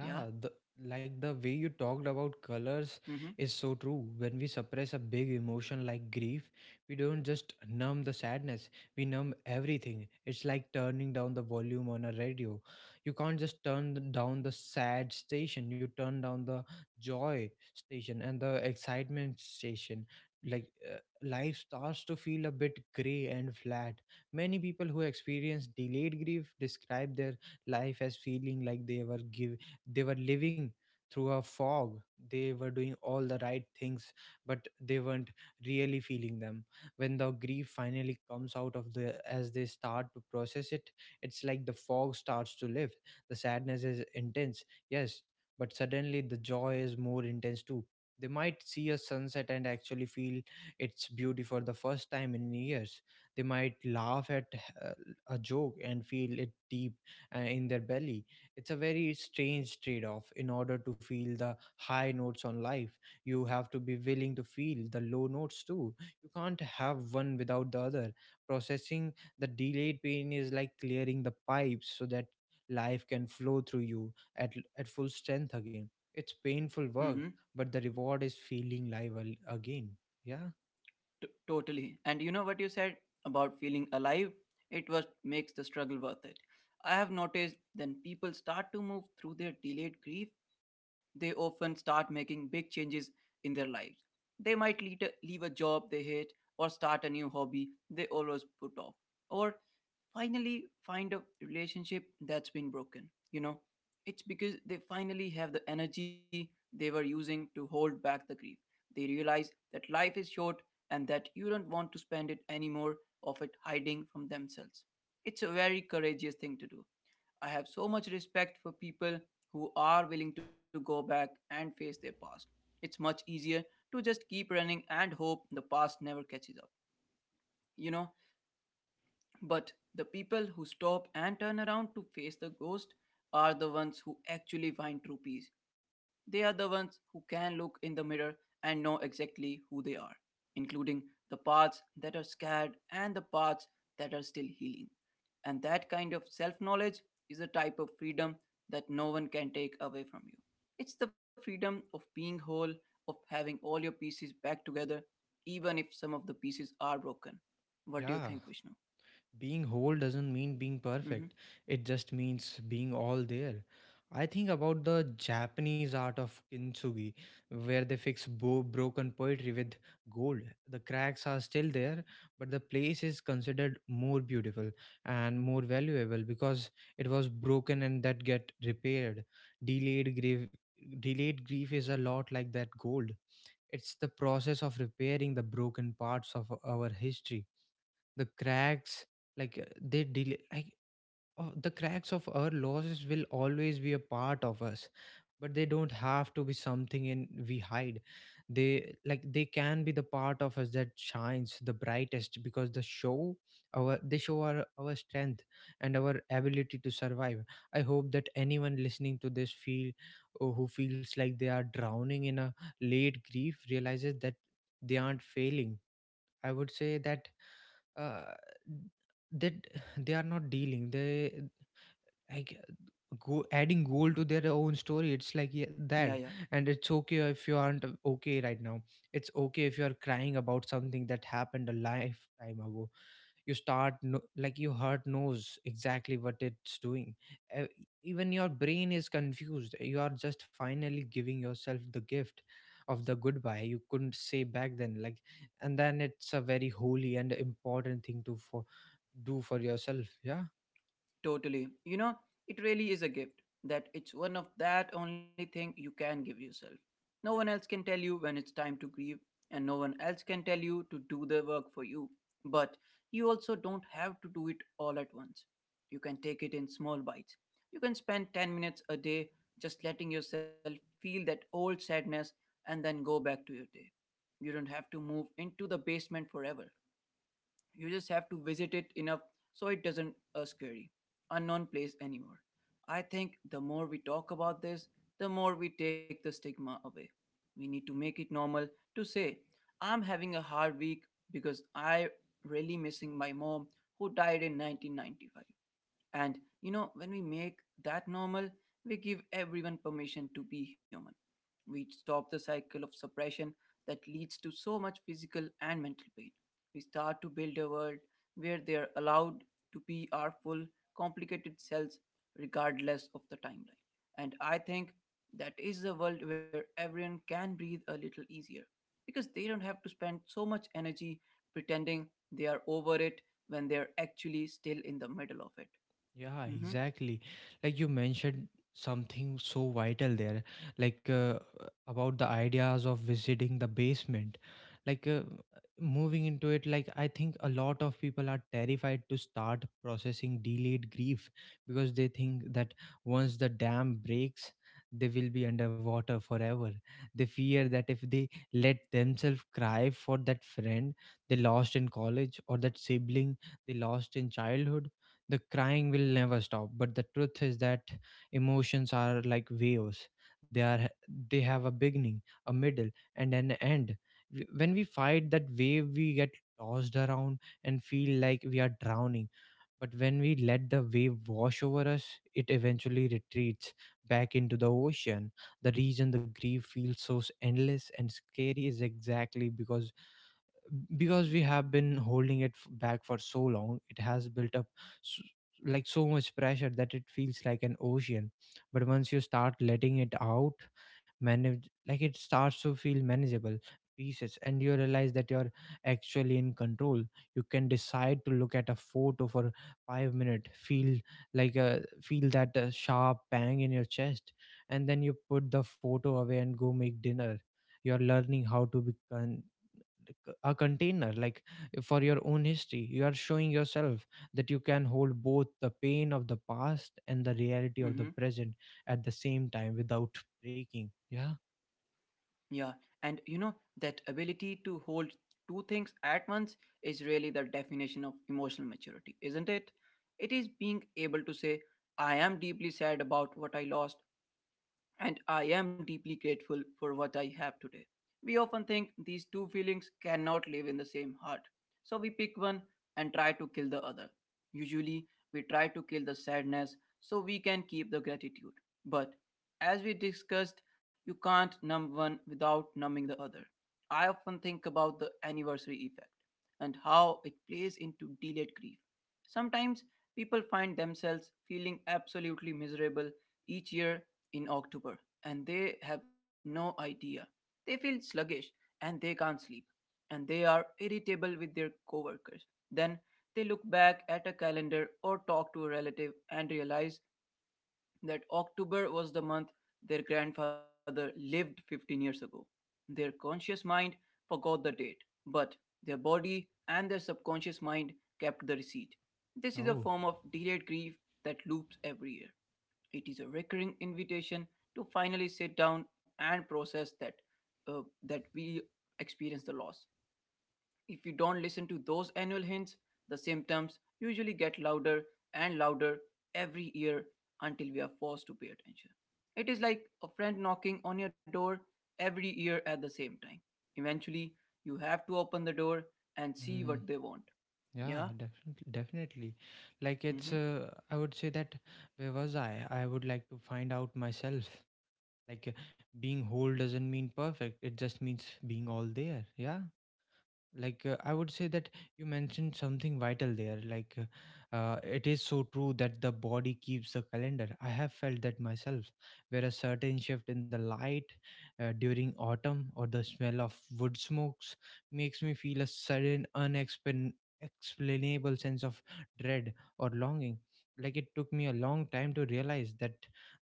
Speaker 2: Yeah?
Speaker 1: the like the way you talked about colors
Speaker 2: Mm hmm.
Speaker 1: is so true. When we suppress a big emotion like grief, we don't just numb the sadness, we numb everything. It's like turning down the volume on a radio. You can't just down the sad station, you turn down the joy station and the excitement station. Like, life starts to feel a bit gray and flat. Many people who experience delayed grief describe their life as feeling like they were living through a fog. They were doing all the right things, but they weren't really feeling them. When the grief finally comes out of the as they start to process it, it's like the fog starts to lift. The sadness is intense, yes, but suddenly the joy is more intense too. They might see a sunset and actually feel its beauty for the first time in years. They might laugh at uh, a joke and feel it deep in their belly. It's a very strange trade off. In order to feel the high notes on life, you have to be willing to feel the low notes too. You can't have one without the other. Processing the delayed pain is like clearing the pipes so that life can flow through you at full strength again. It's painful
Speaker 2: Mm hmm.
Speaker 1: work, but the reward is feeling again. Yeah,
Speaker 2: Totally. And you know what you said about feeling alive? It was makes the struggle worth it. I have noticed when people start to move through their delayed grief, they often start making big changes in their lives. They might leave a job they hate or start a new hobby they always put off, or finally find a relationship that's been broken. It's because they finally have the energy they were using to hold back the grief. They realize that life is short and that you don't want to spend it anymore of it hiding from themselves. It's a very courageous thing to do. I have so much respect for people who are willing to go back and face their past. It's much easier to just keep running and hope the past never catches up. You know, but the people who stop and turn around to face the ghost are the ones who actually find true peace. They are the ones who can look in the mirror and know exactly who they are, including the parts that are scared and the parts that are still healing. And that kind of self knowledge is a type of freedom that no one can take away from you. It's the freedom of being whole, of having all your pieces back together, even if some of the pieces are broken. What do you
Speaker 1: yeah.
Speaker 2: think, Vishnu?
Speaker 1: Being whole doesn't mean being
Speaker 2: Mhm.
Speaker 1: perfect. It just means being all there. I think about the Japanese art of kintsugi, where they fix broken poetry with gold. The cracks are still there, but the place is considered more beautiful and more valuable because it was broken and that get repaired. Delayed grief, delayed grief is a lot like that gold. It's the process of repairing the broken parts of our history, the cracks, like they delay like the cracks of our losses will always be a part of us, but they don't have to be something in we hide. They they can be the part of us that shines the brightest because the show our, they show our strength and our ability to survive. I hope that anyone listening to this feel, or who feels like they are drowning in a late grief, realizes that they aren't failing. I would say that, uh, that they are not dealing. They like go adding gold to their own story. It's like, yeah,
Speaker 2: Yeah, yeah,
Speaker 1: that. And it's okay if you aren't okay right now. It's okay if you are crying about something that happened a lifetime ago. You start no- like your heart knows exactly what it's doing. Uh, Even your brain is confused. You are just finally giving yourself the gift of the goodbye you couldn't say back then. Like, and then it's a very holy and important thing to for do for yourself. Yeah.
Speaker 2: totally. It really is a gift that it's one of that only thing you can give yourself. No one else can tell you when it's time to grieve, and no one else can tell you to do the work for you. But you also don't have to do it all at once. You can take it in small bites. You can spend 10 minutes a day just letting yourself feel that old sadness and then go back to your day. You don't have to move into the basement forever. You just have to visit it enough, so it doesn't a scary unknown place anymore. I think the more we talk about this, the more we take the stigma away. We need to make it normal to say, I'm having a hard week because I really missing my mom who died in 1995. And you know, when we make that normal, we give everyone permission to be human. We stop the cycle of suppression that leads to so much physical and mental pain. We start to build a world where they are allowed to be our full, complicated selves, regardless of the timeline. And I think that is the world where everyone can breathe a little easier because they don't have to spend so much energy pretending they are over it when they're actually still in the middle of it.
Speaker 1: Yeah,
Speaker 2: Mm-hmm.
Speaker 1: exactly. Like you mentioned something so vital there, like uh, about the ideas of visiting the basement. Like uh, Moving into it, like I think a lot of people are terrified to start processing delayed grief because they think that once the dam breaks, they will be underwater forever. They fear that if they let themselves cry for that friend they lost in college or that sibling they lost in childhood, the crying will never stop. But the truth is that emotions are like waves. They are they have a beginning, a middle, and an end. When we fight that wave, we get tossed around and feel like we are drowning. But when we let the wave wash over us, it eventually retreats back into the ocean. The reason the grief feels so endless and scary is exactly because we have been holding it back for so long. It has built up s like so much pressure that it feels like an ocean. But once you start letting it out, manage like it starts to feel manageable pieces, and you realize that you're actually in control. You can decide to look at a photo for 5 minutes, feel like a feel that sharp bang in your chest, and then you put the photo away and go make dinner. You're learning how to be a container like for your own history. You are showing yourself that you can hold both the pain of the past and the reality of the
Speaker 2: Mm-hmm.
Speaker 1: present at the same time without breaking. Yeah.
Speaker 2: Yeah. And you know, that ability to hold two things at once is really the definition of emotional maturity, isn't it? It is being able to say, I am deeply sad about what I lost, and I am deeply grateful for what I have today. We often think these two feelings cannot live in the same heart, so we pick one and try to kill the other. Usually, we try to kill the sadness so we can keep the gratitude. But as we discussed, you can't numb one without numbing the other. I often think about the anniversary effect and how it plays into delayed grief. Sometimes people find themselves feeling absolutely miserable each year in October, and they have no idea. They feel sluggish and they can't sleep and they are irritable with their coworkers. Then they look back at a calendar or talk to a relative and realize that October was the month their grandfather lived 15 years ago. Their conscious mind forgot the date, but their body and their subconscious mind kept the receipt. This is a
Speaker 1: Oh.
Speaker 2: form of delayed grief that loops every year. It is a recurring invitation to finally sit down and process that we experience the loss. If we don't listen to those annual hints, the symptoms usually get louder and louder every year until we are forced to pay attention. It is like a friend knocking on your door every year at the same time. Eventually, you have to open the door and see
Speaker 1: Mm,
Speaker 2: what they want.
Speaker 1: yeah,
Speaker 2: Yeah.
Speaker 1: definitely. Like it's
Speaker 2: Mm-hmm.
Speaker 1: I would say that where was I would like to find out myself. like uh, Being whole doesn't mean perfect. It just means being all there. Yeah. like I would say that You mentioned something vital there. It is so true that the body keeps the calendar. I have felt that myself, where a certain shift in the light during autumn or the smell of wood smokes makes me feel a sudden unexplainable sense of dread or longing. Like, it took me a long time to realize that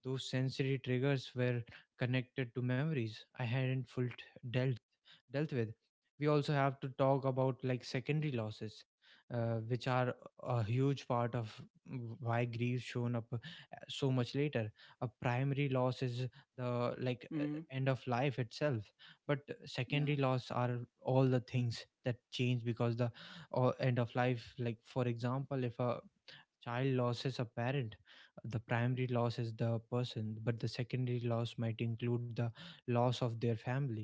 Speaker 1: those sensory triggers were connected to memories I hadn't fully dealt dealt with. We also have to talk about like secondary losses, which are a huge part of why grief shown up so much later. A primary loss is the like
Speaker 2: Mm-hmm.
Speaker 1: end of life itself. But
Speaker 2: Yeah.
Speaker 1: secondary loss are all the things that change because the end of life. Like for example, if a child loses a parent, the primary loss is the person, but the secondary loss might include the loss of their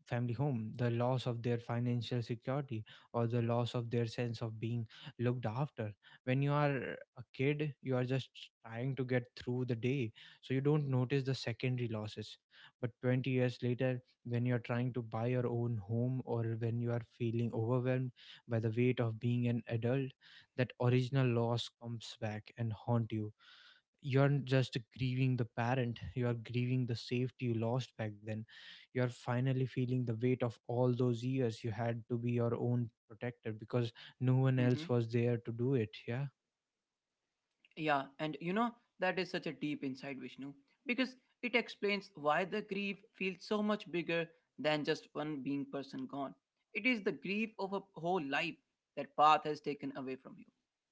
Speaker 1: family home, the loss of their financial security, or the loss of their sense of being looked after. When you are a kid, you are just trying to get through the day, so you don't notice the secondary losses. But 20 years later, when you are trying to buy your own home, or when you are feeling overwhelmed by the weight of being an adult, that original loss comes back and haunt you. You're just grieving the parent, you are grieving the safety you lost back then. You are finally feeling the weight of all those years you had to be your own protector because no one
Speaker 2: Mm-hmm.
Speaker 1: else was there to do it. Yeah.
Speaker 2: Yeah, and you know, that is such a deep insight, Vishnu, because it explains why the grief feels so much bigger than just one being person gone. It is the grief of a whole life that path has taken away from you.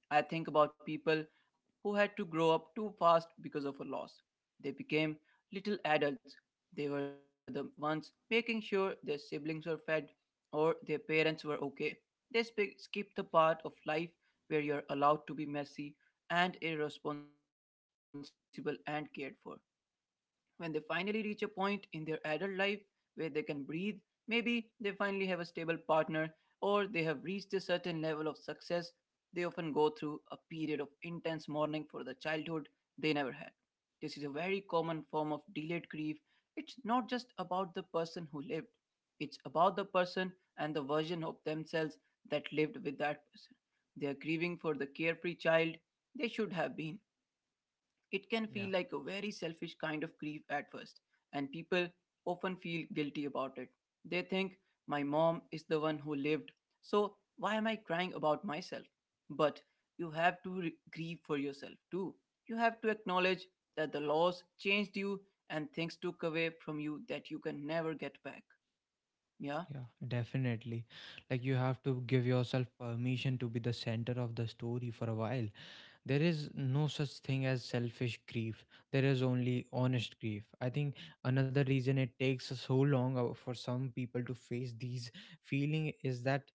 Speaker 2: I think about people who had to grow up too fast because of a loss. They became little adults. They were the ones making sure their siblings were fed or their parents were okay. They skipped the part of life where you're allowed to be messy and irresponsible and cared for. When they finally reach a point in their adult life where they can breathe, maybe they finally have a stable partner or they have reached a certain level of success, they often go through a period of intense mourning for the childhood they never had. This is a very common form of delayed grief. It's not just about the person who lived, it's about the person and the version of themselves that lived with that person. They are grieving for the carefree child they should have been. It can
Speaker 1: yeah
Speaker 2: feel like a very selfish kind of grief at first, and people often feel guilty about it. They think, my mom is the one who lived, so why am I crying about myself? But you have to grieve for yourself too. You have to acknowledge that the loss changed you and things took away from you that you can never get back. Yeah?
Speaker 1: yeah definitely. Like you have to give yourself permission to be the center of the story for a while. There is no such thing as selfish grief. There is only honest grief, I think. Another reason it takes so long, for some people to face these feeling, is that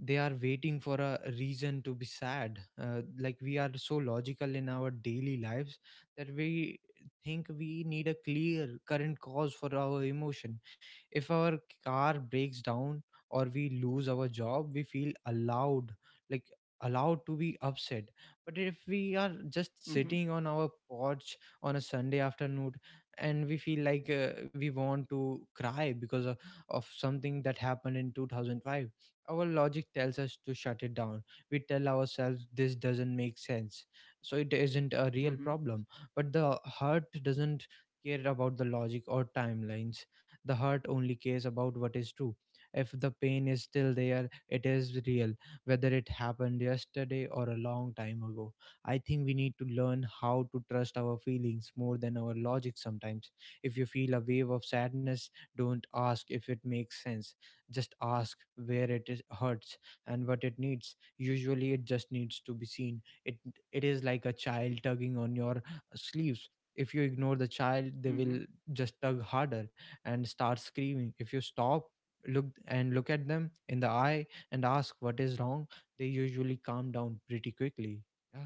Speaker 1: they are waiting for a reason to be sad. Like, we are so logical in our daily lives that we think we need a clear current cause for our emotion. If our car breaks down or we lose our job, we feel allowed, like allowed to be upset. But if we are just
Speaker 2: Mm hmm.
Speaker 1: sitting on our porch on a Sunday afternoon and we feel like, we want to cry because of something that happened in 2005, our logic tells us to shut it down. We tell ourselves this doesn't make sense, so it isn't a real
Speaker 2: Mm hmm.
Speaker 1: problem. But the heart doesn't care about the logic or timelines. The heart only cares about what is true. If the pain is still there, it is real, whether it happened yesterday or a long time ago. I think we need to learn how to trust our feelings more than our logic sometimes. If you feel a wave of sadness, don't ask if it makes sense. Just ask where it hurts and what it needs. Usually, it just needs to be seen. It is like a child tugging on your sleeves. If you ignore the child, they
Speaker 2: Mm hmm.
Speaker 1: will just tug harder and start screaming. If you stop, look at them in the eye and ask what is wrong, they usually calm down pretty quickly. Yeah.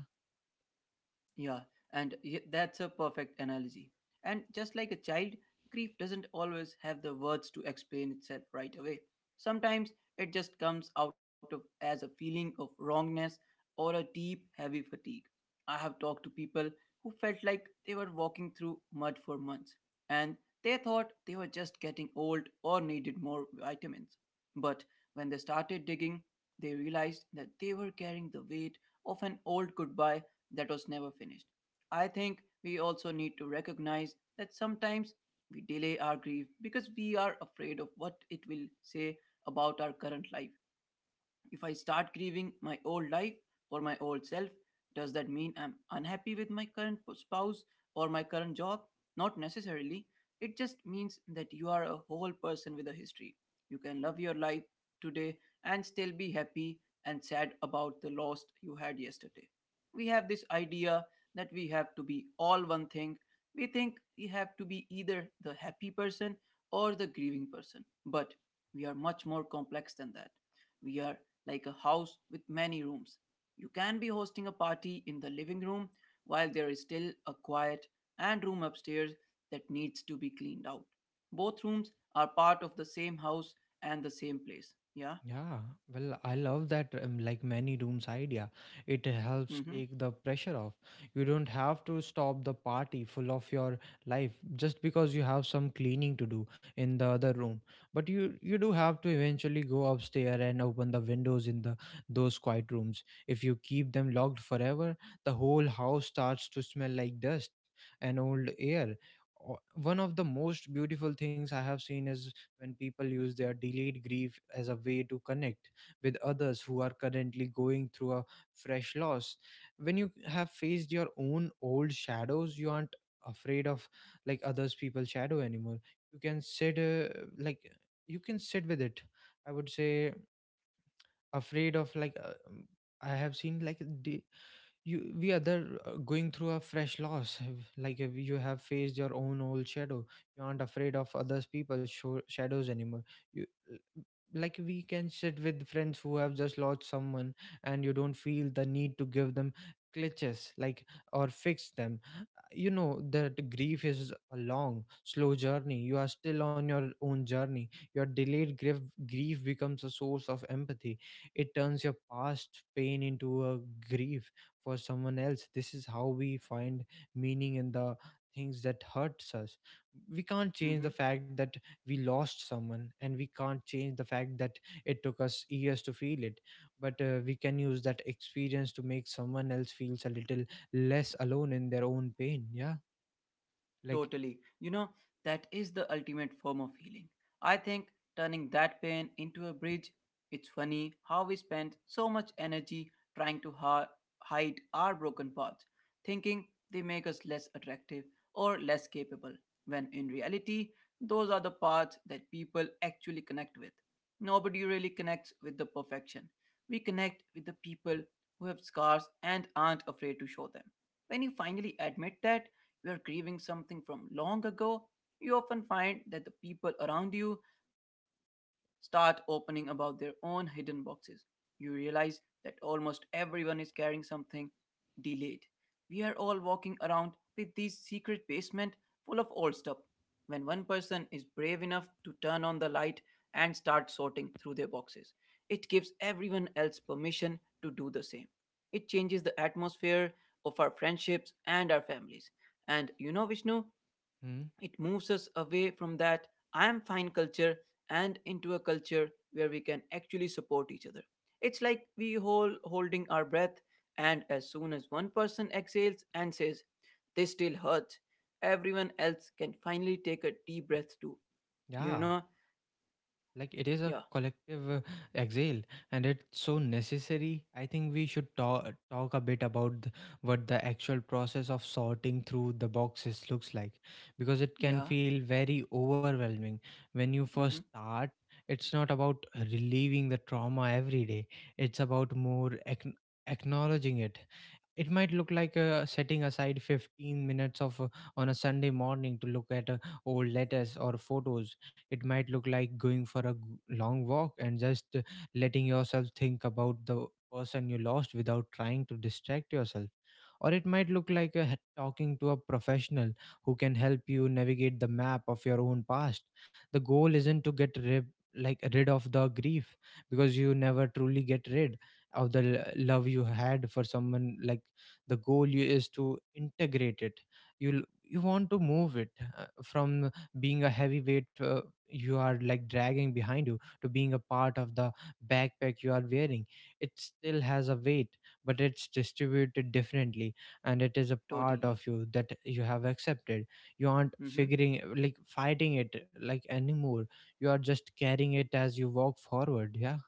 Speaker 2: Yeah, and that's a perfect analogy. And just like a child, grief doesn't always have the words to explain itself right away. Sometimes it just comes out of as a feeling of wrongness or a deep, heavy fatigue. I have talked to people who felt like they were walking through mud for months, and they thought they were just getting old or needed more vitamins. But when they started digging, they realized that they were carrying the weight of an old goodbye that was never finished. I think we also need to recognize that sometimes we delay our grief because we are afraid of what it will say about our current life. If I start grieving my old life or my old self, does that mean I'm unhappy with my current spouse or my current job? Not necessarily. It just means that you are a whole person with a history. You can love your life today and still be happy and sad about the loss you had yesterday. We have this idea that we have to be all one thing. We think we have to be either the happy person or the grieving person. But we are much more complex than that, we are like a house with many rooms. You can be hosting a party in the living room while there is still a quiet and room upstairs that needs to be cleaned out. Both rooms are part of the same house and the same place. Yeah?
Speaker 1: Yeah, well, I love that like many rooms idea. It helps
Speaker 2: Mm hmm.
Speaker 1: take the pressure off. You don't have to stop the party full of your life just because you have some cleaning to do in the other room. But you do have to eventually go upstairs and open the windows in the those quiet rooms. If you keep them locked forever, the whole house starts to smell like dust and old air. One of the most beautiful things I have seen is when people use their delayed grief as a way to connect with others who are currently going through a fresh loss. When you have faced your own old shadows, you aren't afraid of like others people's shadow anymore. You can sit, like you can sit with it. I would say afraid of I have seen you we other going through a fresh loss <laughs> you have faced your own old shadow. You aren't afraid of others people's shadows anymore. You like we can sit with friends who have just lost someone and you don't feel the need to give them glitches, or fix them. You know that grief is a long slow journey. You are still on your own journey. Your delayed grief becomes a source of empathy. It turns your past pain into a grief for someone else. This is how we find meaning in the things that hurts us. We can't
Speaker 2: Mm
Speaker 1: change the
Speaker 2: hmm.
Speaker 1: fact that we lost someone, and we can't change the fact that it took us years to feel it. But we can use that experience to make someone else feels a little less alone in their own pain. Yeah. Like.
Speaker 2: Totally. You know, that is the ultimate form of healing. I think turning that pain into a bridge, it's funny how we spend so much energy trying to hide our broken paths, thinking they make us less attractive or less capable, when in reality, those are the paths that people actually connect with. Nobody really connects with the perfection. We connect with the people who have scars and aren't afraid to show them. When you finally admit that, you are grieving something from long ago, you often find that the people around you start opening about their own hidden boxes. You realize that almost everyone is carrying something delayed. We are all walking around with these secret basement full of old stuff. When one person is brave enough to turn on the light and start sorting through their boxes, it gives everyone else permission to do the same. It changes the atmosphere of our friendships and our families. And you know, Vishnu,
Speaker 1: Hmm?
Speaker 2: it moves us away from that I am fine culture and into a culture where we can actually support each other. It's like we holding our breath, and as soon as one person exhales and says, This still hurts, everyone else can finally take a deep breath too. You
Speaker 1: Yeah,
Speaker 2: know?
Speaker 1: like it is a
Speaker 2: Yeah,
Speaker 1: collective exhale, and it's so necessary. I think we should talk a bit about what the actual process of sorting through the boxes looks like, because it can
Speaker 2: yeah,
Speaker 1: feel very overwhelming when you first
Speaker 2: mm-hmm,
Speaker 1: start. It's not about relieving the trauma every day; it's about acknowledging it. It might look like setting aside 15 minutes of on a Sunday morning to look at old letters or photos. It might look like going for a g- long walk and just letting yourself think about the person you lost without trying to distract yourself, or it might look like talking to a professional who can help you navigate the map of your own past. The goal isn't to get rid like rid of the grief, because you never truly get rid of the love you had for someone. Like, the goal you is to integrate it. You want to move it, from being a heavyweight you are like dragging behind you to being a part of the backpack you are wearing. It still has a weight, but it's distributed differently, and it is a part of
Speaker 2: totally.
Speaker 1: you that you have accepted. you aren't
Speaker 2: Mm-hmm.
Speaker 1: figuring like fighting it anymore. You are just carrying it as you walk forward, yeah,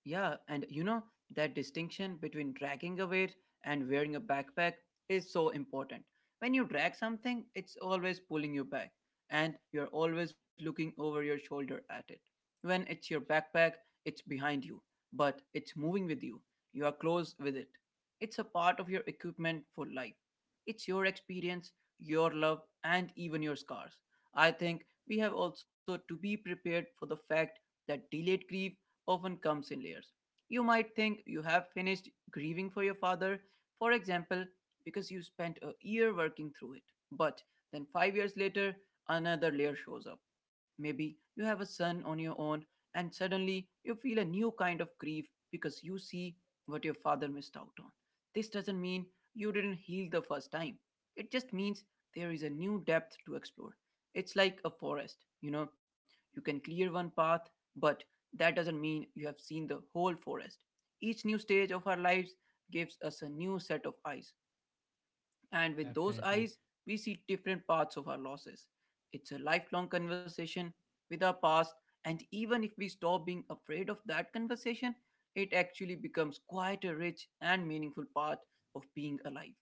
Speaker 2: Yeah, and you know, that distinction between dragging a weight and wearing a backpack is so important. When you drag something, it's always pulling you back, and you're always looking over your shoulder at it. When it's your backpack, it's behind you, but it's moving with you. You are close with it. It's a part of your equipment for life. It's your experience, your love, and even your scars. I think we have also to be prepared for the fact that delayed grief often comes in layers. You might think you have finished grieving for your father, for example, because you spent a year working through it. But then 5 years later, another layer shows up. Maybe you have a son on your own, and suddenly you feel a new kind of grief because you see what your father missed out on. This doesn't mean you didn't heal the first time, it just means there is a new depth to explore. It's like a forest, you know, you can clear one path, but that doesn't mean you have seen the whole forest. Each new stage of our lives gives us a new set of eyes, and with those
Speaker 1: definitely.
Speaker 2: eyes, we see different parts of our losses. It's a lifelong conversation with our past, and even if we stop being afraid of that conversation, it actually becomes quite a rich and meaningful part of being alive.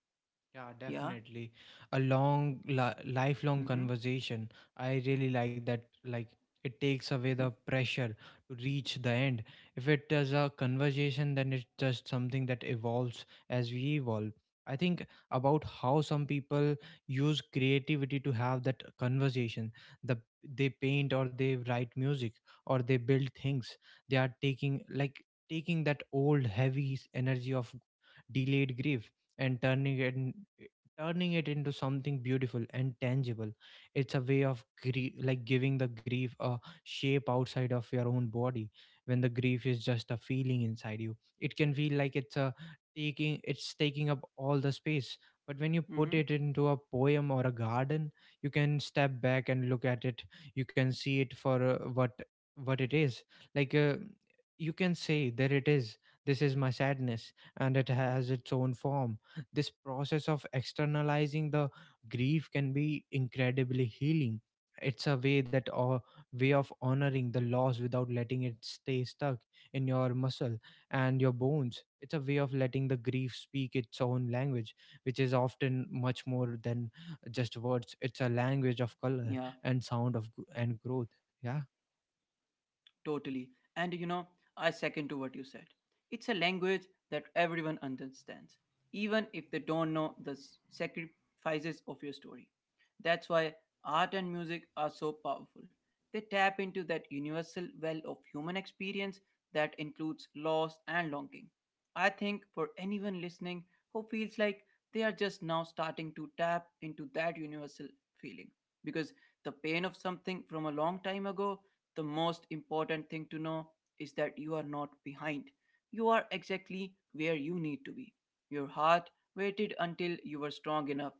Speaker 1: Yeah,
Speaker 2: Yeah.
Speaker 1: definitely. A lifelong
Speaker 2: Mm-hmm.
Speaker 1: conversation. I really like that. Like, it takes away the
Speaker 2: <laughs>
Speaker 1: pressure to reach the end. If it is a conversation, then it's just something that evolves as we evolve. I think about how some people use creativity to have that conversation. The they paint or they write music or they build things. They are taking that old heavy energy of delayed grief and turning it into something beautiful and tangible. It's a way of grief like giving the grief a shape outside of your own body. When the grief is just a feeling inside you, it can feel like it's taking up all the space. But when you put it
Speaker 2: Mm-hmm.
Speaker 1: into a poem or a garden, you can step back and look at it. You can see it for what it is. like uh, you can say, there it is, this is my sadness and it has its own form. This process of externalizing the grief can be incredibly healing. It's a way that or way of honoring the loss without letting it stay stuck in your muscle and your bones. It's a way of letting the grief speak its own language, which is often much more than just words. It's a language of color
Speaker 2: Yeah.
Speaker 1: and sound, of gr- and growth. Yeah.
Speaker 2: Totally. And you know, I second to what you said. It's a language that everyone understands, even if they don't know the sacrifices of your story. That's why art and music are so powerful. They tap into that universal well of human experience that includes loss and longing. I think for anyone listening who feels like they are just now starting to tap into that universal feeling, because the pain of something from a long time ago, the most important thing to know is that you are not behind. You are exactly where you need to be. Your heart waited until you were strong enough.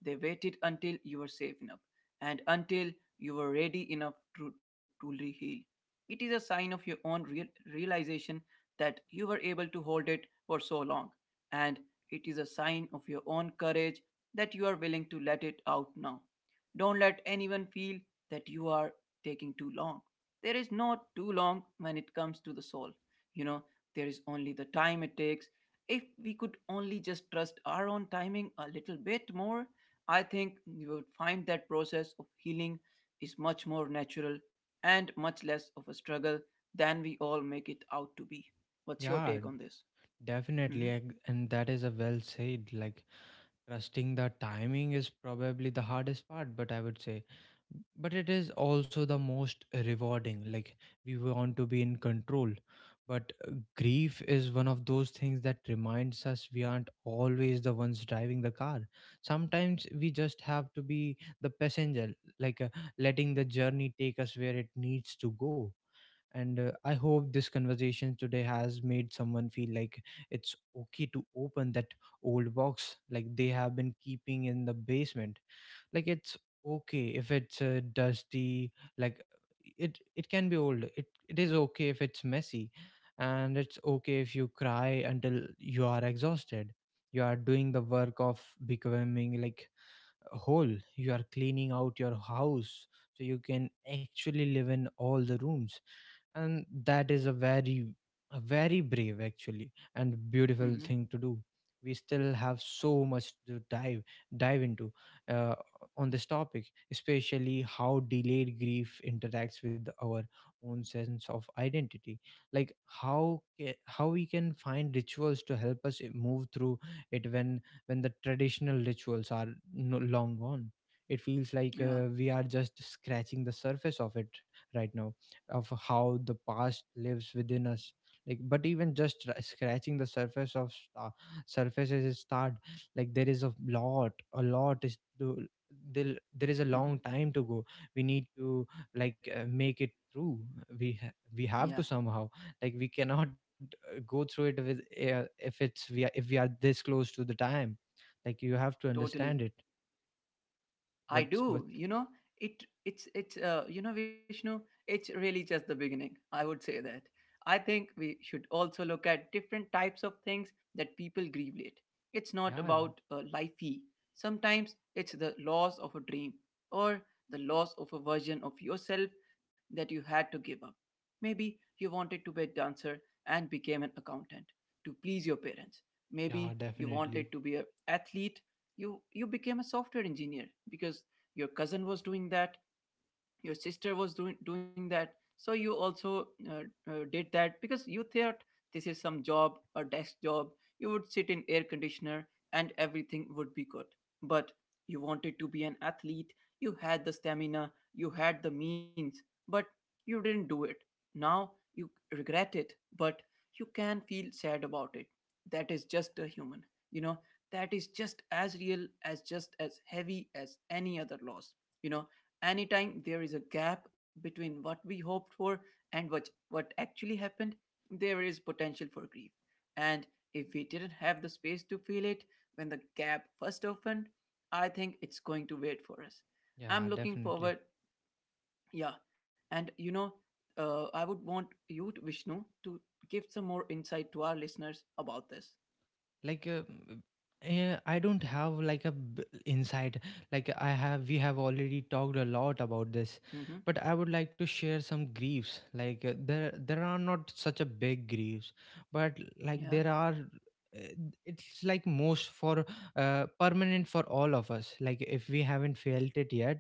Speaker 2: They waited until you were safe enough and until you were ready enough to truly heal. It is a sign of your own realization that you were able to hold it for so long, and it is a sign of your own courage that you are willing to let it out now. Don't let anyone feel that you are taking too long. There is not too long when it comes to the soul. You know, there is only the time it takes. If we could only just trust our own timing a little bit more, I think we would find that process of healing is much more natural and much less of a struggle than we all make it out to be. What's your
Speaker 1: Yeah,
Speaker 2: take on this?
Speaker 1: definitely
Speaker 2: Mm-hmm.
Speaker 1: ag- and that is a well said. Like, trusting the timing is probably the hardest part, but I would say, but it is also the most rewarding. Like, we want to be in control, but grief is one of those things that reminds us we aren't always the ones driving the car. Sometimes we just have to be the passenger, like, letting the journey take us where it needs to go. And I hope this conversation today has made someone feel like it's okay to open that old box like they have been keeping in the basement. Like, it's okay if it's dusty. Like, it can be old, it is okay if it's messy, and it's okay if you cry until you are exhausted. You are doing the work of becoming whole. You are cleaning out your house so you can actually live in all the rooms, and that is a very brave, actually, and beautiful
Speaker 2: Mm-hmm.
Speaker 1: thing to do. We still have so much to dive into, uh, on this topic, especially how delayed grief interacts with our own sense of identity. Like, how we can find rituals to help us move through it, when the traditional rituals are no long gone. It feels like
Speaker 2: Yeah.
Speaker 1: we are just scratching the surface of it right now, of how the past lives within us. Like, but even just scratching the surface of sta surface is a start. Like, there is a lot, a lot is to there is a
Speaker 2: Mm-hmm.
Speaker 1: long time to go. We need to, like, make it through. We have
Speaker 2: Yeah.
Speaker 1: to somehow, like, we cannot go through it with, if we are this close to the time. Like, you have to
Speaker 2: Totally.
Speaker 1: understand it.
Speaker 2: I
Speaker 1: What?
Speaker 2: do. You know, it it's you know Vishnu, it's really just the beginning. I would say that. I think we should also look at different types of things that people grieve late. It's not
Speaker 1: Yeah.
Speaker 2: about lifey. Sometimes it's the loss of a dream or the loss of a version of yourself that you had to give up. Maybe you wanted to be a dancer and became an accountant to please your parents.
Speaker 1: Yeah,
Speaker 2: Maybe you
Speaker 1: definitely.
Speaker 2: wanted to be an athlete, you became a software engineer because your cousin was doing that, your sister was doing that, so you also did that because you thought this is some job, a desk job, you would sit in air conditioner, and everything would be good. But you wanted to be an athlete, you had the stamina, you had the means, but you didn't do it. Now you regret it. But you can feel sad about it. That is just a human, you know, that is just as real as just as heavy as any other loss, you know. Anytime there is a gap between what we hoped for and what actually happened, there is potential for grief. And if we didn't have the space to feel it when the gap first opened, I think it's going to wait for us. I'm
Speaker 1: Yeah,
Speaker 2: looking
Speaker 1: definitely.
Speaker 2: forward, yeah. And you know, I would want you, to, Vishnu, to give some more insight to our listeners about this.
Speaker 1: Like, I don't have like a insight. Like, I have we have already talked a lot about this.
Speaker 2: Hmm.
Speaker 1: But I would like to share some griefs. Like, there are not such a big griefs, but
Speaker 2: Yeah.
Speaker 1: like there are, eh, it's like most for permanent for all of us. Like, if we haven't felt it yet,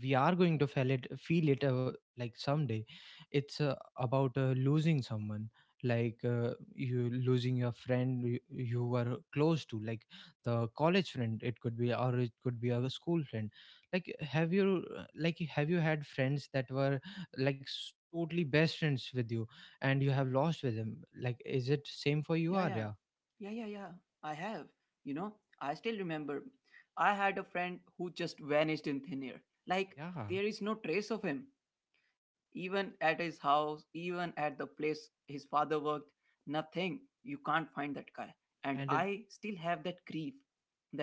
Speaker 1: we are going to feel it like someday. It's about losing someone. Like, you losing your friend you were close to. Like, the college friend it could be, or it could be a school friend. Like, have you like have you had friends that were like totally best friends with you, and you have lost with them? Like, is it same for you,
Speaker 2: Yeah, yeah.
Speaker 1: Arya?
Speaker 2: Yeah, yeah, yeah. I have. You know, I still remember. I had a friend who just vanished in thin air. Like,
Speaker 1: Yeah,
Speaker 2: there is no trace of him. Even at his house, even at the place his father worked, nothing. You can't find that guy. And
Speaker 1: and it-
Speaker 2: I still have that grief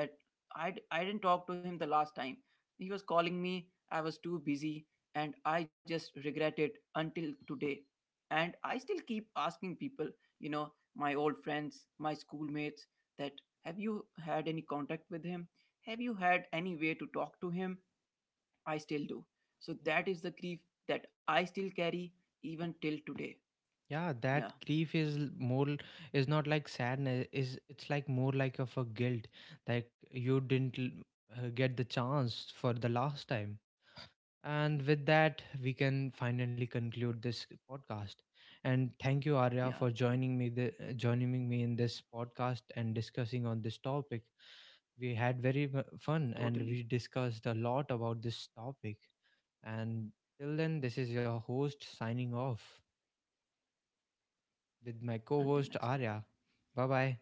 Speaker 2: that I didn't talk to him the last time. He was calling me, I was too busy, and I just regret it until today. And I still keep asking people, you know, my old friends, my schoolmates, that have you had any contact with him? Have you had any way to talk to him? I still do. So that is the grief that I still carry even till today.
Speaker 1: yeah, that
Speaker 2: Yeah,
Speaker 1: grief is is not like sadness. Is it's like more like of a guilt. Like, you didn't get the chance for the last time. And with that, we can finally conclude this podcast and thank you, Arya,
Speaker 2: yeah,
Speaker 1: for joining me joining me in this podcast and discussing on this topic. We had fun, and
Speaker 2: totally.
Speaker 1: we discussed a lot about this topic. And till then, this is your host signing off with my co
Speaker 2: Until
Speaker 1: host
Speaker 2: next time.
Speaker 1: Arya. Bye bye.